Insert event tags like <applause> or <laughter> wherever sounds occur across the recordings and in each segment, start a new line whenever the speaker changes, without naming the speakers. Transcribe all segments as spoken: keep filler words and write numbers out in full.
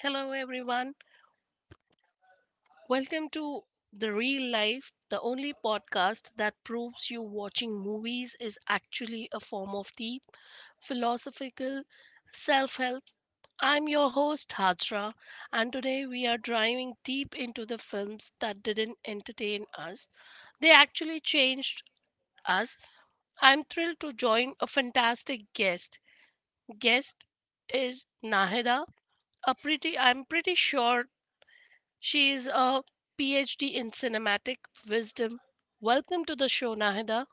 Hello, everyone. Welcome to The Real Life, the only podcast that proves you watching movies is actually a form of deep philosophical self help. I'm your host, Hajra, and today we are driving deep into the films that didn't entertain us. They actually changed us. I'm thrilled to join a fantastic guest. Guest is Nahida. A pretty, I'm pretty sure she is a PhD in cinematic wisdom. Welcome to the show, Nahida.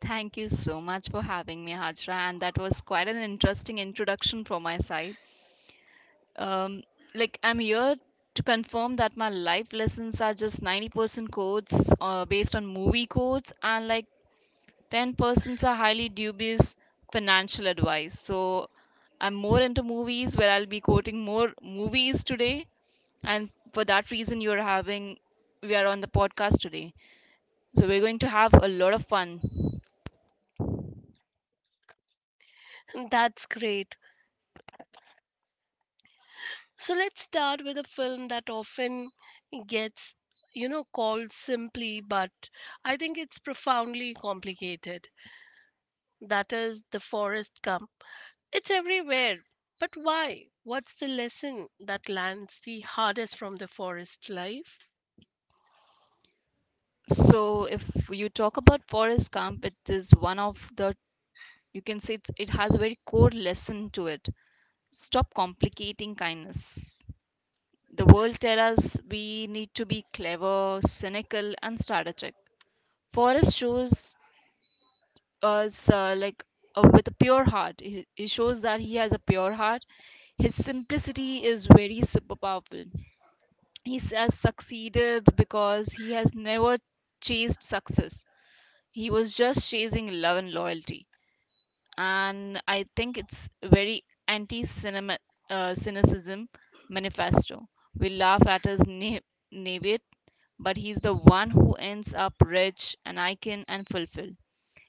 Thank you so much for having me, Hajra. And that was quite an interesting introduction from my side. Um, like, I'm here to confirm that my life lessons are just ninety percent quotes uh, based on movie quotes, and like ten percent are highly dubious financial advice. So, I'm more into movies where I'll be quoting more movies today. And for that reason, you're having, we are on the podcast today. So, we're going to have a lot of fun.
That's great. So let's start with a film that often gets, you know, called simply, but I think it's profoundly complicated. That is The Forest Gump. It's everywhere. But why? What's the lesson that lands the hardest from the forest life?
So if you talk about Forest Gump, it is one of the you can say it's, it has a very core lesson to it. Stop complicating kindness. The world tell us we need to be clever, cynical, and strategic. Forrest shows us uh, like uh, with a pure heart. He, he shows that he has a pure heart. His simplicity is very super powerful. He s- has succeeded because he has never chased success. He was just chasing love and loyalty, and I think it's very anti cinema uh, cynicism manifesto. We laugh at his na- naivete, but he's the one who ends up rich, an icon, and fulfilled.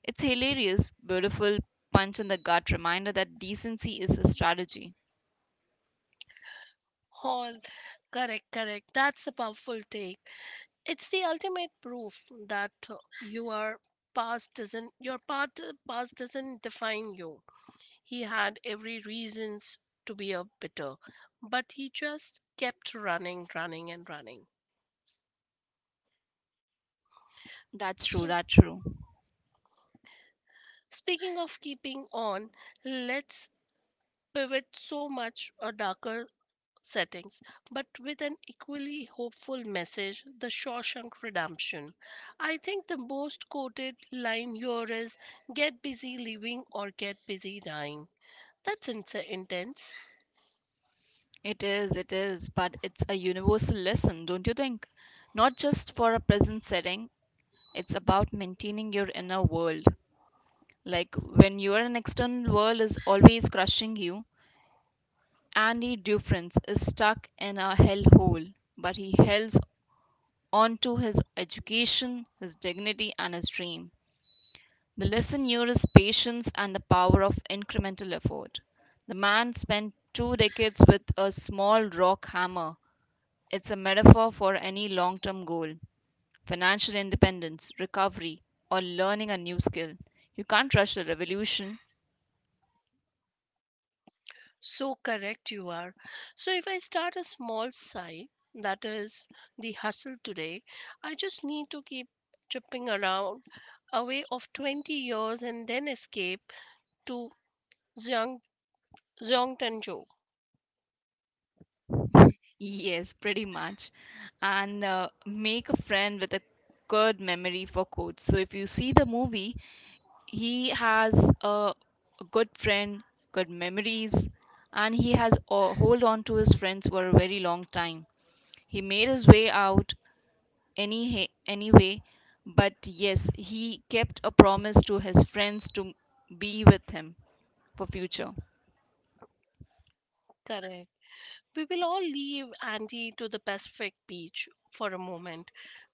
It's hilarious, beautiful, punch in the gut reminder that decency is a strategy.
All correct, correct. That's a powerful take. It's the ultimate proof that uh, you are past doesn't your part past doesn't define you. He had every reasons to be a bitter, but he just kept running, running and running.
That's
So
true, that's true.
speaking of keeping on, let's pivot so much a darker settings, but with an equally hopeful message The Shawshank Redemption. I think the most quoted line here is Get busy living or get busy dying. That's ins- intense.
It is, it is, but it's a universal lesson, don't you think? Not just for a present setting, it's about maintaining your inner world. Like when your an external world is always crushing you, Andy Dufresne is stuck in a hellhole, but he holds on to his education, his dignity, and his dream. The lesson here is patience and the power of incremental effort. The man spent two decades with a small rock hammer. It's a metaphor for any long term goal: financial independence, recovery, or learning a new skill. You can't rush a revolution. <laughs>
So correct you are. So if I start a small site, that is the hustle today, I just need to keep chipping around away of twenty years and then escape to Zhang Zhongtanzhou.
Yes, pretty much. And uh, make a friend with a good memory for quotes. So if you see the movie, he has a good friend, good memories, and he has uh, hold on to his friends for a very long time. He made his way out any he- anyway, but yes, he kept a promise to his friends to be with him for future.
Correct. We will all leave Andy to the Pacific beach for a moment.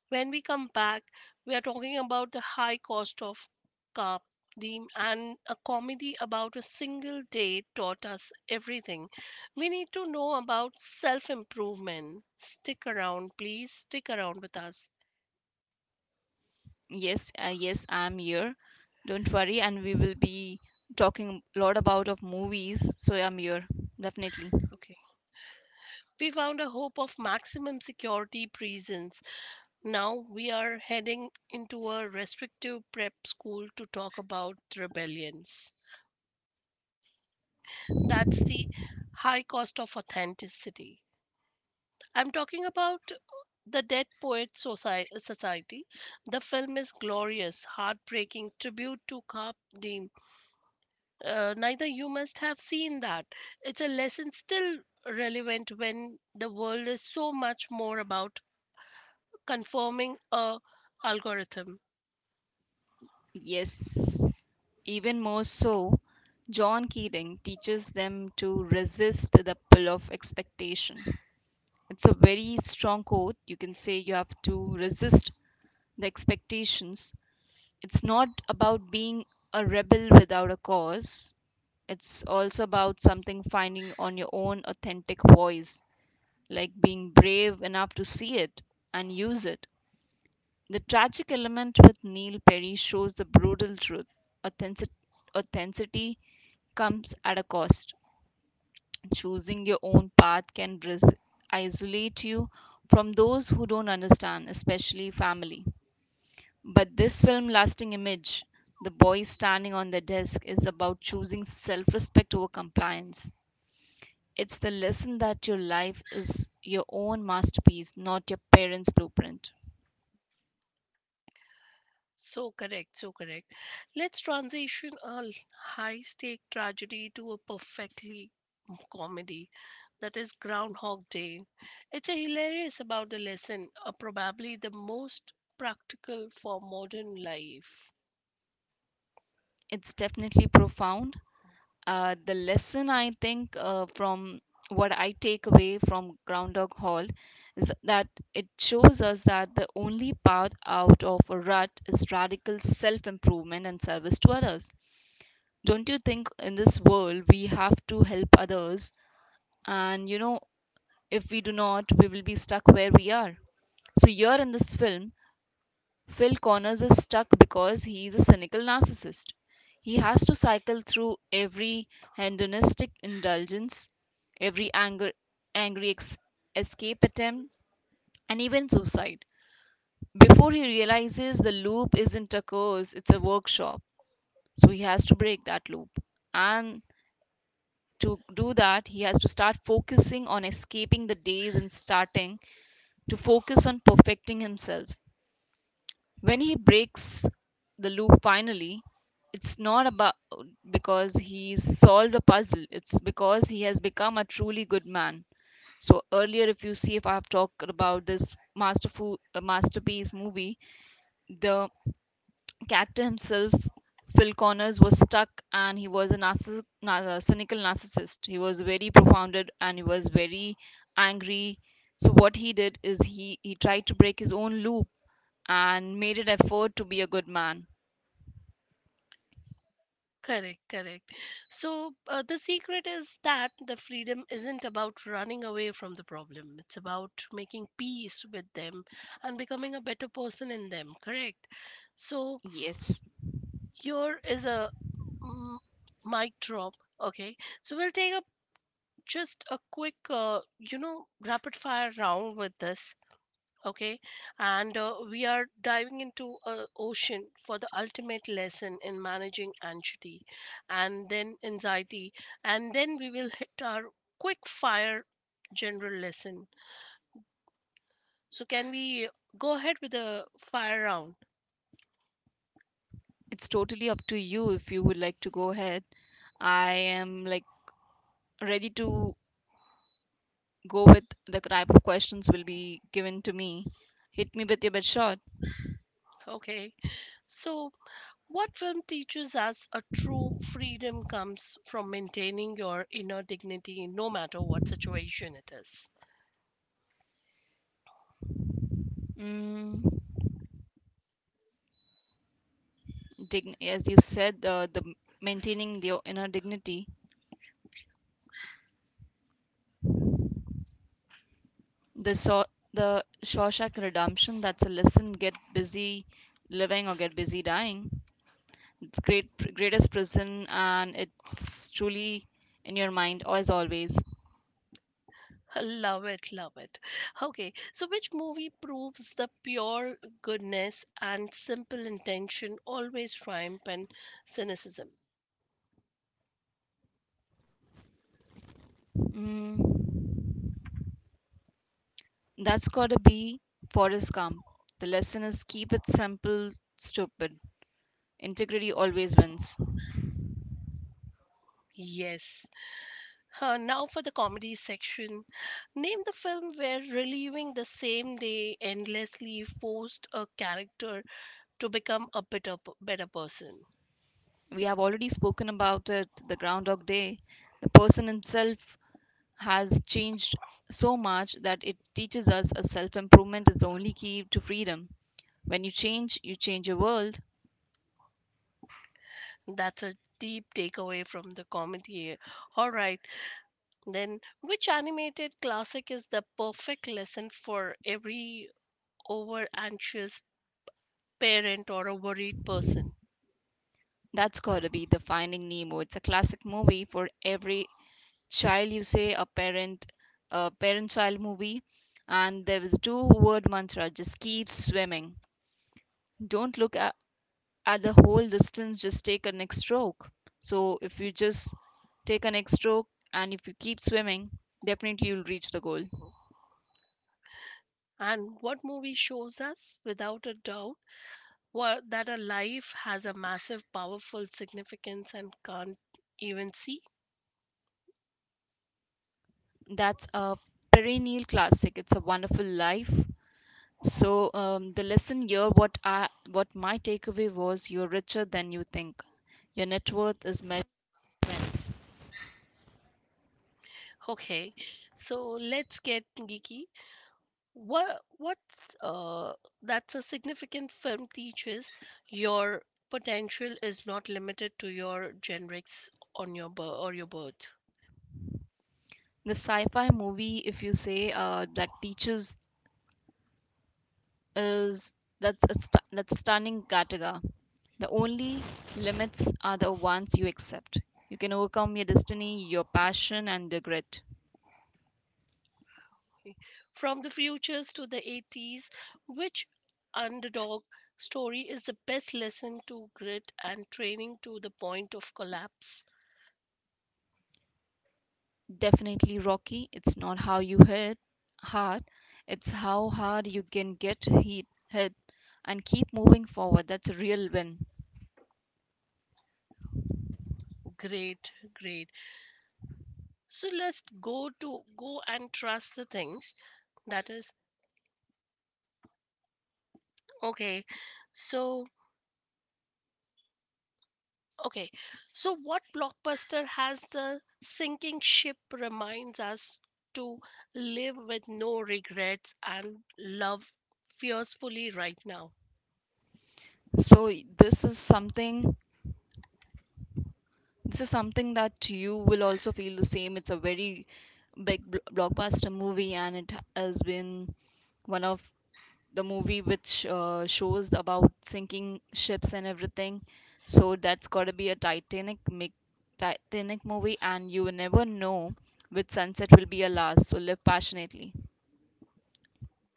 When we come back, we are talking about the high cost of carp and a comedy about a single day taught us everything we need to know about self improvement. Stick around, please stick around with us.
Yes, uh, yes, I'm here, don't worry, and we will be talking a lot about of movies, so I'm here definitely.
Okay, we found a hope of maximum security prisons. Now we are heading into a restrictive prep school to talk about rebellions. That's the high cost of authenticity. I'm talking about the Dead Poets Soci- Society. The film is glorious, heartbreaking tribute to Carp Diem. Uh, neither you must have seen that. It's a lesson still relevant when the world is so much more about conforming a algorithm.
Yes, even more so. John Keating teaches them to resist the pull of expectation. It's a very strong quote, you can say, you have to resist the expectations. It's not about being a rebel without a cause. It's also about something finding on your own authentic voice, like being brave enough to see it and use it. The tragic element with Neil Perry shows the brutal truth. Authentic- authenticity comes at a cost. Choosing your own path can ris- isolate you from those who don't understand, especially family. But this film lasting image, the boy standing on the desk, is about choosing self respect over compliance. It's the lesson that your life is your own masterpiece, not your parents' blueprint.
So correct, so correct. Let's transition a high stake tragedy to a perfectly comedy. That is Groundhog Day. It's a hilarious about the lesson, uh, probably the most practical for modern life.
It's definitely profound. Uh, the lesson I think uh, from what I take away from Groundhog Hall is that it shows us that the only path out of a rut is radical self improvement and service to others. Don't you think in this world we have to help others, and you know, if we do not, we will be stuck where we are. So here in this film, Phil Connors is stuck because he is a cynical narcissist. He has to cycle through every hedonistic indulgence, every anger, angry ex- escape attempt, and even suicide, before he realizes the loop isn't a curse, it's a workshop. So he has to break that loop, and to do that, he has to start focusing on escaping the days and starting to focus on perfecting himself. When he breaks the loop finally, it's not about because he's solved a puzzle, it's because he has become a truly good man. So, earlier, if you see, if I've talked about this masterful, uh, masterpiece movie, the Cactus himself, Phil Connors, was stuck and he was a narciss- nar- uh, cynical narcissist. He was very profounded and he was very angry. So, what he did is he, he tried to break his own loop and made an effort to be a good man.
Correct, correct. So uh, the secret is that the freedom isn't about running away from the problem. It's about making peace with them and becoming a better person in them. Correct. So
Yes,
here is a Mm, mic drop. Okay. So we'll take up just a quick, uh, you know, rapid fire round with this. Okay. And uh, we are diving into a ocean for the ultimate lesson in managing anxiety and then anxiety. And then we will hit our quick fire general lesson. So can we go ahead with the fire round?
it's totally up to you if you would like to go ahead. I am like ready to go with the type of questions will be given to me. Hit me with your best shot.
Okay. So what film teaches us a true freedom comes from maintaining your inner dignity no matter what situation it is?
Mm, dig- as you said, the, the maintaining your inner dignity, the so the Shawshank Redemption, that's a lesson: get busy living or get busy dying. It's great, greatest prison, and it's truly in your mind as always.
<laughs> Love it, love it. Okay, so which movie proves the pure goodness and simple intention always triumph in cynicism?
mm, that's gotta be Forest Gump. The lesson is keep it simple, stupid. Integrity always wins.
Yes. Uh, now for the comedy section. Name the film where relieving the same day endlessly forced a character to become a better, p- better person.
We have already spoken about it, the Groundhog Day. The person himself has changed so much that it teaches us a self improvement is the only key to freedom. When you change, you change your world.
That's a deep takeaway from the comment here. All right, then which animated classic is the perfect lesson for every over anxious parent or a worried person?
That's gotta be the Finding Nemo. It's a classic movie for every child, you say, a parent, a parent child movie. And there was two word mantra, just keep swimming. Don't look at, at the whole distance, just take a next stroke. So if you just take a next stroke and if you keep swimming, definitely you'll reach the goal.
And what movie shows us without a doubt? Wha- that a life has a massive, powerful significance and can't even see?
That's a perennial classic. It's a Wonderful Life. So um, the lesson here, what I, what my takeaway was, you're richer than you think. Your net worth is measured in friends.
Okay, so let's get geeky. What what's uh that's a significant film teaches your potential is not limited to your generics on your bir- or your birth.
The sci-fi movie, if you say uh, that teaches is that's a stu- that's stunning Gattaca. The only limits are the ones you accept. You can overcome your destiny, your passion, and the grit.
Okay. From the futures to the eighties, which underdog story is the best lesson to grit and training to the point of collapse?
Definitely rocky. It's not how you hit hard, it's how hard you can get hit, hit and keep moving forward. That's a real win.
Great, great. So let's go to go and trust the things. That is okay. So Okay, so what blockbuster has the sinking ship reminds us to live with no regrets and love fiercely right now?
So y- this is something, this is something that you will also feel the same. It's a very big bl- blockbuster movie and it has been one of the movie which uh, shows about sinking ships and everything. So that's gotta be a Titanic make Titanic movie, and you will never know which sunset will be your last. So live passionately.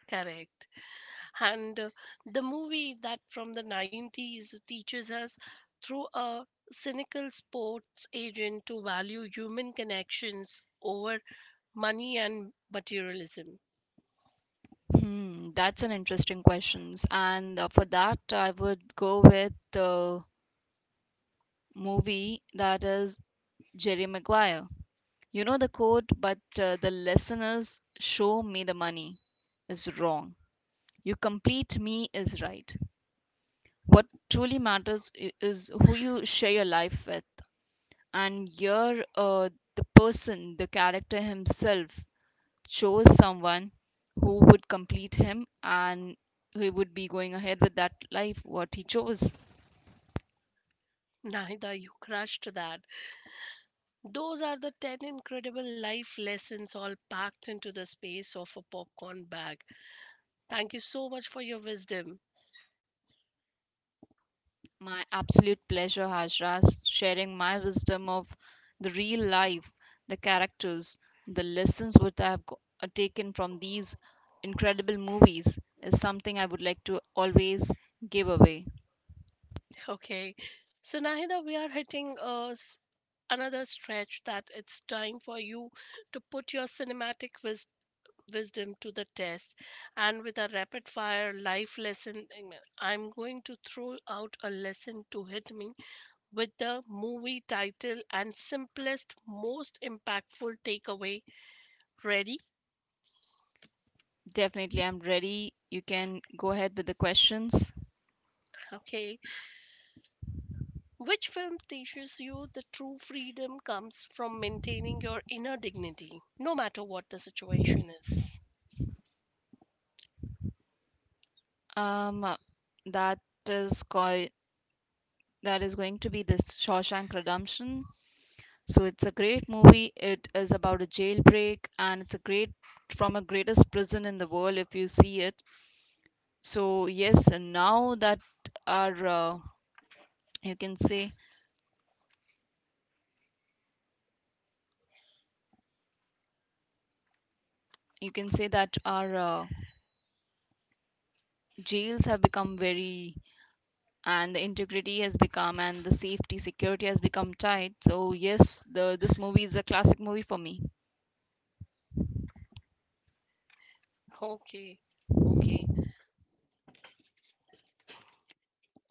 Correct. And uh, the movie that from the nineties teaches us through a cynical sports agent to value human connections over money and materialism.
Hmm, that's an interesting questions. And uh, for that, I would go with the movie that is Jerry Maguire. You know the quote, but uh, the listeners show me the money is wrong. You complete me is right. What truly matters i- is who you share your life with. And you uh, the person, the character himself, chose someone who would complete him, and he would be going ahead with that life what he chose.
Neither you crushed that. Those are the ten incredible life lessons all packed into the space of a popcorn bag. Thank you so much for your wisdom.
My absolute pleasure, Hajras. Sharing my wisdom of the real life, the characters, the lessons what I have go- uh, taken from these incredible movies is something I would like to always give away.
Okay. So, Nahida, we are hitting a s- another stretch that it's time for you to put your cinematic wis- wisdom to the test. And with a rapid fire life lesson, um, I'm going to throw out a lesson to hit me with the movie title and simplest, most impactful takeaway. Ready?
Definitely, I'm ready. You can go ahead with the questions.
Okay. Which film teaches you the true freedom comes from maintaining your inner dignity, no matter what the situation is?
Um, uh, that is going that is going to be the Shawshank Redemption. So it's a great movie. It is about a jailbreak, and it's a great from a greatest prison in the world if you see it. So yes, and now that our uh, you can say, you can say that our uh, jails have become very and the integrity has become and the safety security has become tight. So yes, the this movie is a classic movie for me.
Okay. Okay.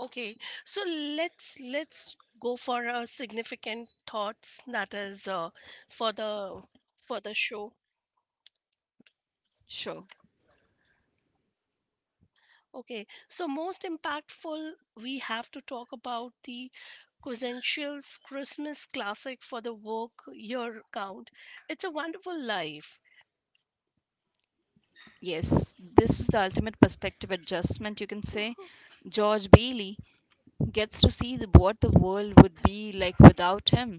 Okay, so let's let's go for a significant thoughts that is uh, for the for the show.
Sure.
Okay, so most impactful we have to talk about the Cosential's Christmas classic for the work year count. It's a Wonderful Life.
Yes, this is the ultimate perspective adjustment, you can say.
Mhm.
George Bailey gets to see the, what the world would be like without him.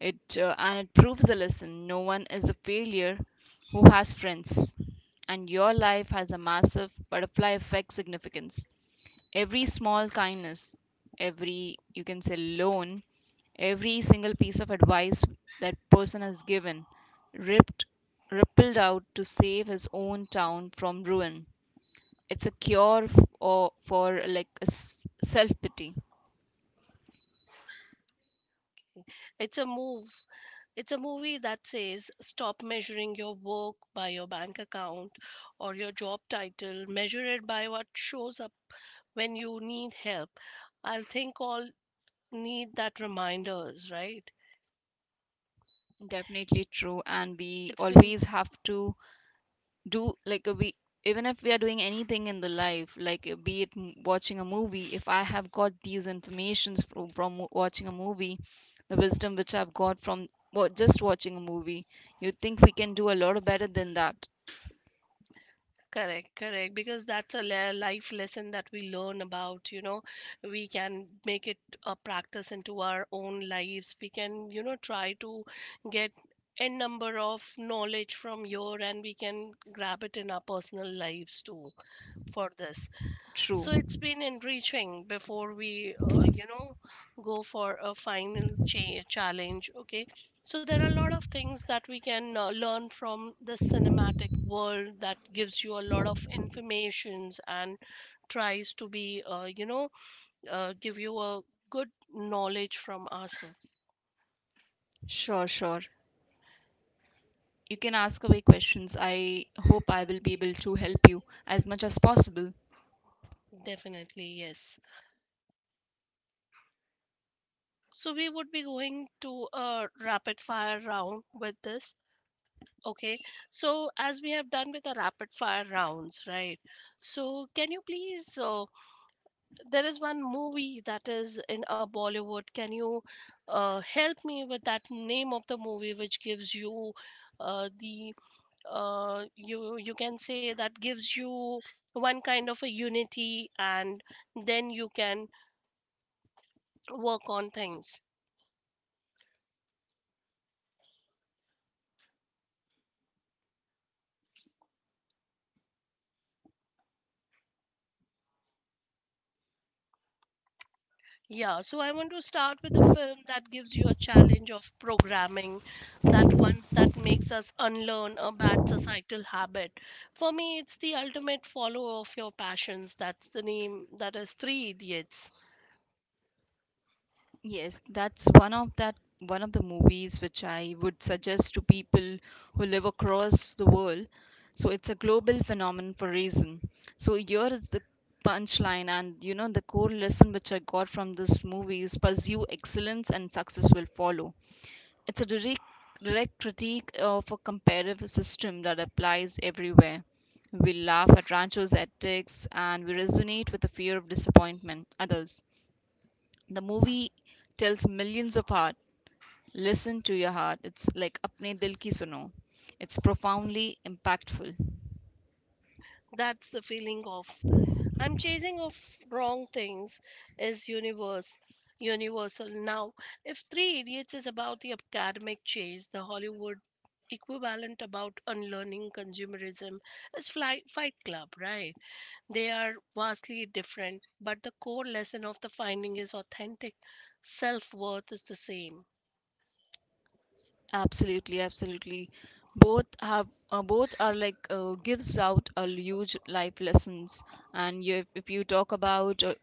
It uh, and it proves a lesson: no one is a failure who has friends, and your life has a massive butterfly effect significance. Every small kindness, every you can say loan, every single piece of advice that person has given, ripped rippled out to save his own town from ruin. It's a cure f- or for like a self pity.
Okay. It's a move. It's a movie that says stop measuring your work by your bank account or your job title. Measure it by what shows up when you need help. I think all need that reminders, right?
Definitely true, and we
It's been
always have to do like uh, we, even if we are doing anything in the life, like uh, be it m- watching a movie, if I have got these informations from, from w- watching a movie, the wisdom which I've got from wa- just watching a movie, you think we can do a lot better than that.
correct, correct. Because that's a le- life lesson that we learn about. You know, we can make it a practice into our own lives. We can, you know, try to get a number of knowledge from your, and we can grab it in our personal lives too for this.
True.
So it's been enriching before we, uh, you know, go for a final cha- challenge. Okay. So there are a lot of things that we can uh, learn from the cinematic world that gives you a lot of informations and tries to be, uh, you know, uh, give you a good knowledge from ourselves.
Sure, sure, you can ask away questions, I hope I will be able to help you as much as possible.
Definitely, yes. So we would be going to a rapid fire round with this. Okay, so as we have done with the rapid fire rounds, right? So can you please, uh, there is one movie that is in a Bollywood. Can you uh, help me with that name of the movie which gives you uh, the uh, you you can say that gives you one kind of a unity and then you can work on things. Yeah, so I want to start with a film that gives you a challenge of programming, that ones that makes us unlearn a bad societal habit. For me, it's the ultimate follower of your passions. That's the name, that is Three Idiots.
Yes, that's one of that one of the movies which I would suggest to people who live across the world. So it's a global phenomenon for reason. So here is the punchline, and you know the core lesson which I got from this movie is pursue excellence and success will follow. It's a direct direct critique of a comparative system that applies everywhere. We laugh at Rancho's ethics and we resonate with the fear of disappointment others. The movie tells millions of heart, listen to your heart. It's like apne dil ki suno. It's profoundly impactful.
That's the feeling of I'm chasing of wrong things is universe universal now. If Three Idiots is about the academic chase, the Hollywood equivalent about unlearning consumerism is Fly, Fight Club, right? They are vastly different, but the core lesson of the finding is authentic self worth is the same.
Absolutely, absolutely. Both have uh, both are like uh, gives out a huge life lessons. And you, if you talk about uh,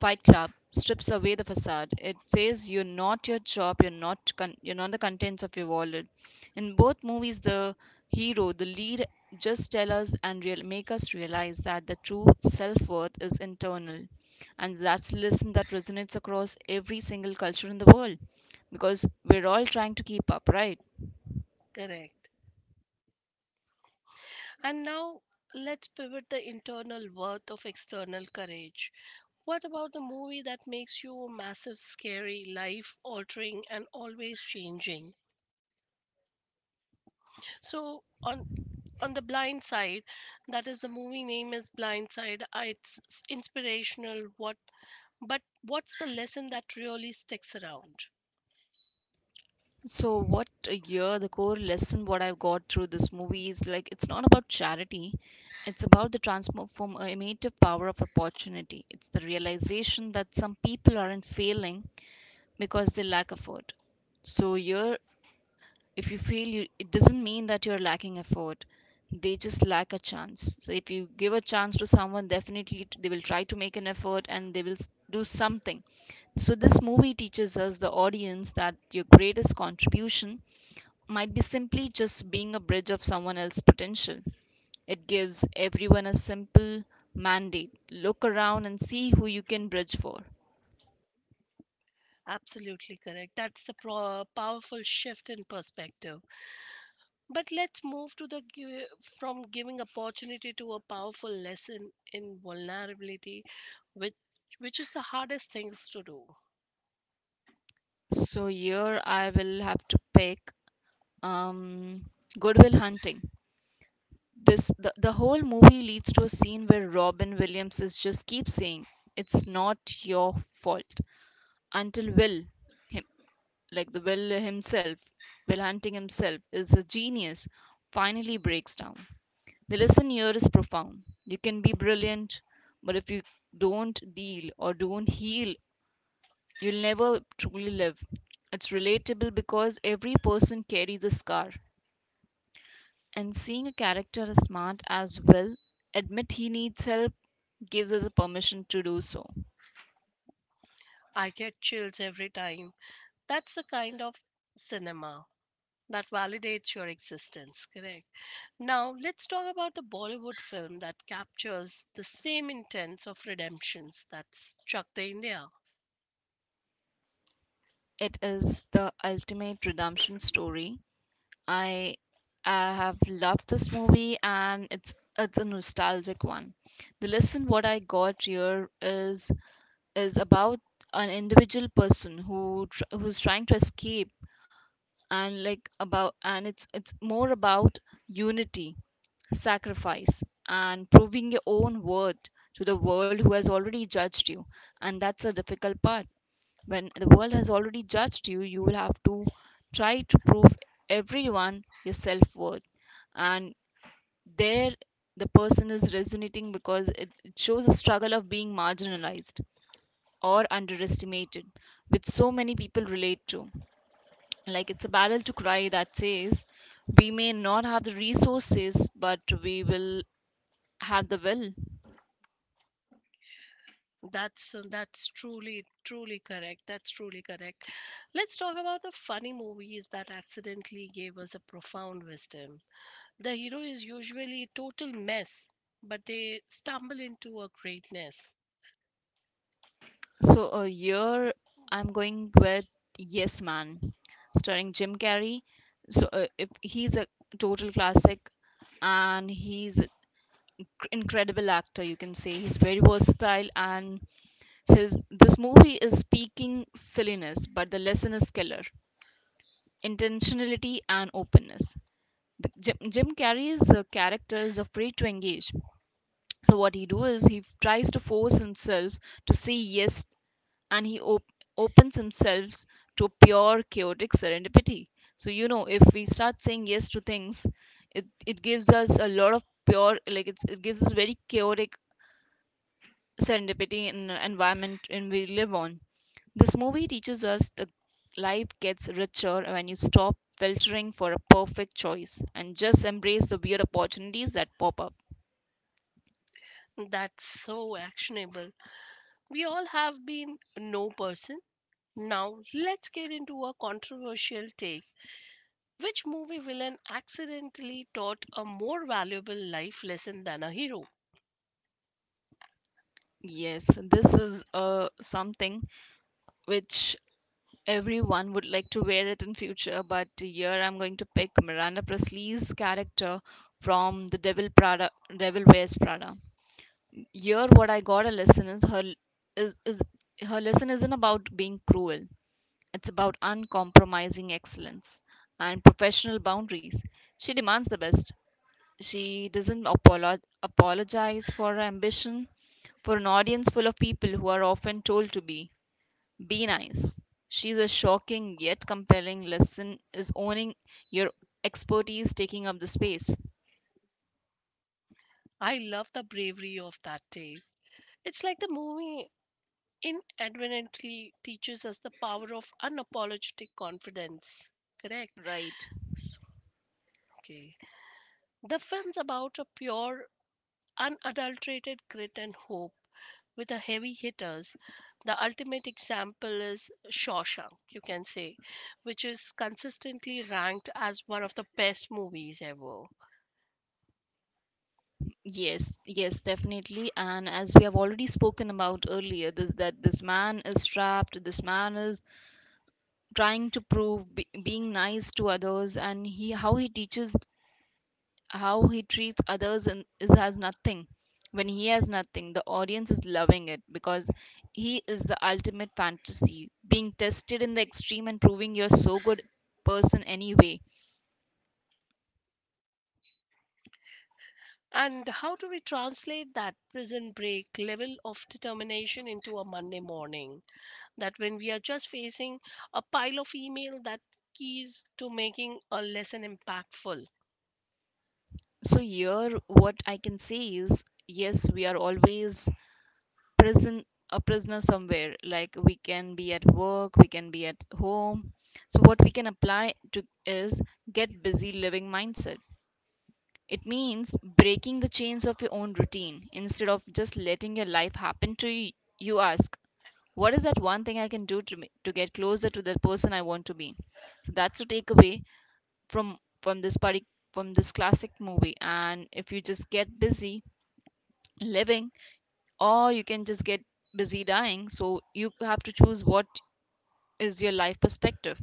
Fight Club strips away the facade. It says you're not your job, you're not con- you're not the contents of your wallet. In both movies, the hero, the lead, just tell us and real- make us realize that the true self worth is internal, and that's a lesson that resonates across every single culture in the world, because we're all trying to keep up, right?
Correct. And now let's pivot the internal worth of external courage. What about the movie that makes you massive, scary, life altering, and always changing? So, on on the blind side, that is the movie name is blind side, uh, it's s- inspirational what but what's the lesson that really sticks around?
So what a year, the core lesson what I've got through this movie is like it's not about charity. It's about the transformative power of opportunity. It's the realization that some people aren't failing because they lack effort. So you're if you fail you it doesn't mean that you're lacking effort. They just lack a chance. So if you give a chance to someone, definitely t- they will try to make an effort and they will s- do something. So this movie teaches us the audience that your greatest contribution might be simply just being a bridge of someone else's potential. It gives everyone a simple mandate look around and see who you can bridge for.
Absolutely correct, that's the pro- powerful shift in perspective. But let's move to the gi- from giving opportunity to a powerful lesson in vulnerability, which which is the hardest things to do.
So, here I will have to pick um, Goodwill Hunting. This the, the whole movie leads to a scene where Robin Williams is just keeps saying it's not your fault until Will him like the Will himself, Will Hunting himself is a genius, finally breaks down. The lesson here is profound. You can be brilliant, but if you don't deal or don't heal, you'll never truly live. It's relatable because every person carries a scar. And seeing a character as smart as well admit he needs help gives us a permission to do so.
I get chills every time. That's the kind of cinema that validates your existence, correct? Now, let's talk about the Bollywood film that captures the same intents of redemptions, that's *Chak De India.
It is the ultimate redemption story. I I have loved this movie and it's it's a nostalgic one. The lesson what I got here is is about an individual person who tr- who's trying to escape and like about and it's it's more about unity, sacrifice, and proving your own worth to the world who has already judged you, and that's a difficult part. When the world has already judged you, you will have to try to prove everyone your self-worth. And there, the person is resonating because it, it shows a struggle of being marginalized or underestimated, which so many people relate to. Like it's a battle to cry that says, we may not have the resources, but we will have the will.
That's that's truly truly correct. That's truly correct. Let's talk about the funny movies that accidentally gave us a profound wisdom. The hero is usually a total mess, but they stumble into a greatness.
So uh, here I'm going with Yes Man, starring Jim Carrey. So uh, if he's a total classic, and he's an incredible actor, you can say he's very versatile, and his this movie is speaking silliness, but the lesson is killer. Intentionality and openness. The, Jim, Jim Carrey's uh, character is afraid to engage. So what he do is he tries to force himself to say yes, and he op- opens himself to pure chaotic serendipity. So you know, if we start saying yes to things, it it gives us a lot of pure like it's, it gives us very chaotic serendipity in the environment in we live on. This movie teaches us that life gets richer when you stop filtering for a perfect choice and just embrace the weird opportunities that pop up.
That's so actionable. We all have been no person. Now let's get into a controversial take. Which movie villain accidentally taught a more valuable life lesson than a hero?
Yes, this is uh, something which everyone would like to wear it in future, but here I'm going to pick Miranda Presley's character from The Devil Prada, Devil Wears Prada. Here, what I got a lesson is her is is her lesson isn't about being cruel. It's about uncompromising excellence and professional boundaries. She demands the best. She doesn't apolo- apologize for her ambition for an audience full of people who are often told to be be nice. She's a shocking yet compelling lesson is owning your expertise, taking up the space.
I love the bravery of that day. It's like the movie inadvertently teaches us the power of unapologetic confidence. Correct?
Right.
S- Okay. The film's about a pure, unadulterated grit and hope with the heavy hitters. The ultimate example is Shawshank, you can say, which is consistently ranked as one of the best movies ever.
Yes, yes, definitely. And as we have already spoken about earlier, this that this man is trapped, this man is trying to prove be, being nice to others, and he how he teaches how he treats others, and is has nothing. When he has nothing, the audience is loving it because he is the ultimate fantasy, being tested in the extreme and proving you're so good person anyway.
And how do we translate that prison break level of determination into a Monday morning? That when we are just facing a pile of email, that keys to making a lesson impactful.
So here, what I can say is yes, we are always prison a prisoner somewhere. Like we can be at work, we can be at home. So what we can apply to is get busy living mindset. It means breaking the chains of your own routine instead of just letting your life happen to you. You ask, what is that one thing I can do to me, to get closer to the person I want to be. So that's the takeaway from from this party, from this classic movie. And if you just get busy living, or you can just get busy dying. So you have to choose what is your life perspective.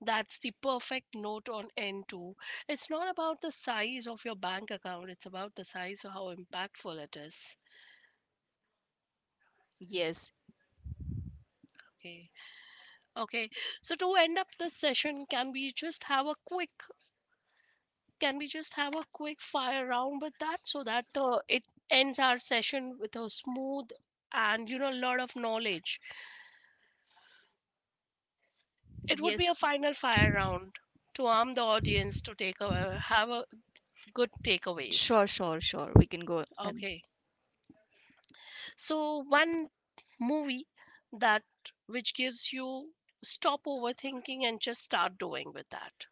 That's the perfect note on end too. It's not about the size of your bank account, it's about the size of how impactful it is.
Yes,
Okay. Okay. So to end up this session, can we just have a quick, can we just have a quick fire round with that so that uh, it ends our session with a smooth and you know a lot of knowledge. It would be a
yes,
final fire round to arm the audience to take a have a good takeaways.
sure, sure, sure. We can go. And
Okay. So one movie that which gives you stop overthinking and just start doing with that.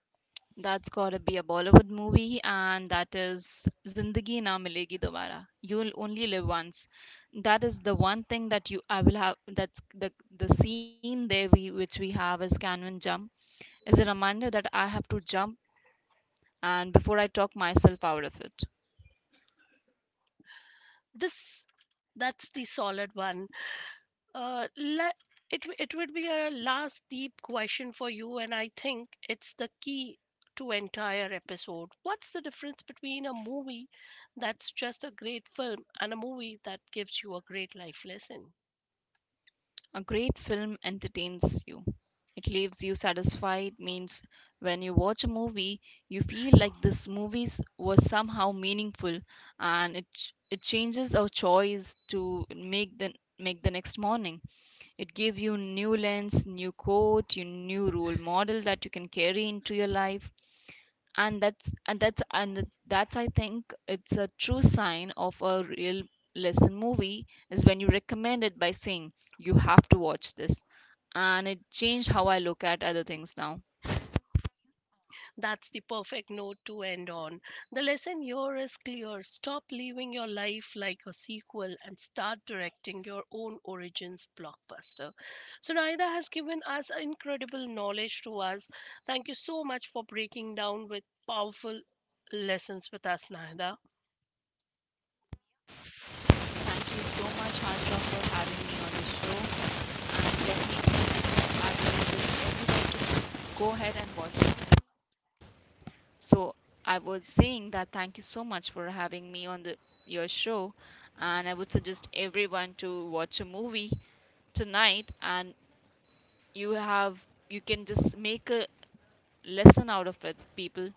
that's gotta be a Bollywood movie, and that is Zindagi Na Milegi Dobara. You'll only live once. That is the one thing that you I will have. That's the the scene there we which we have is Canvan jump, is a reminder that I have to jump and before I talk myself out of it.
This that's the solid one. uh le- it w- it would be a last deep question for you and I think it's the key to entire episode. What's the difference between a movie that's just a great film and a movie that gives you a great life lesson?
A great film entertains you. It leaves you satisfied, means when you watch a movie, you feel like this movie was somehow meaningful, and it, ch- it changes our choice to make the, make the next morning. It gives you new lens, new quote, your new role model that you can carry into your life. And that's and that's and that's I think it's a true sign of a real lesson movie is when you recommend it by saying you have to watch this. And it changed how I look at other things now.
That's the perfect note to end on. The lesson here is clear. Stop living your life like a sequel and start directing your own origins blockbuster. So Naida has given us incredible knowledge to us. Thank you so much for breaking down with powerful lessons with us, Naida.
Thank you so much, Hajra, for having me on the show. And let me thank you. I will just everybody to go ahead and watch it. So I was saying that thank you so much for having me on the your show, and I would suggest everyone to watch a movie tonight, and you have you can just make a lesson out of it, people.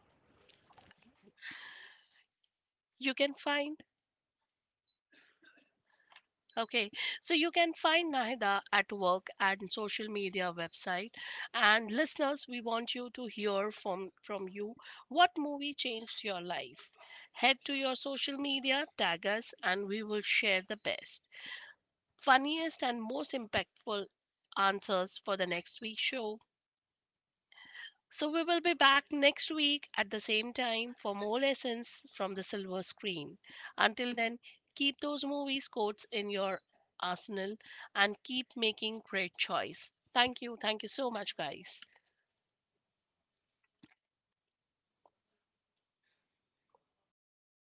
You can find okay, so you can find Nahida at work and social media website. And listeners, we want you to hear from from you what movie changed your life. Head to your social media, tag us, and we will share the best, funniest, and most impactful answers for the next week's show. So we will be back next week at the same time for more lessons from the silver screen. Until then, keep those movies quotes in your arsenal and keep making great choice. Thank you. Thank you so much guys.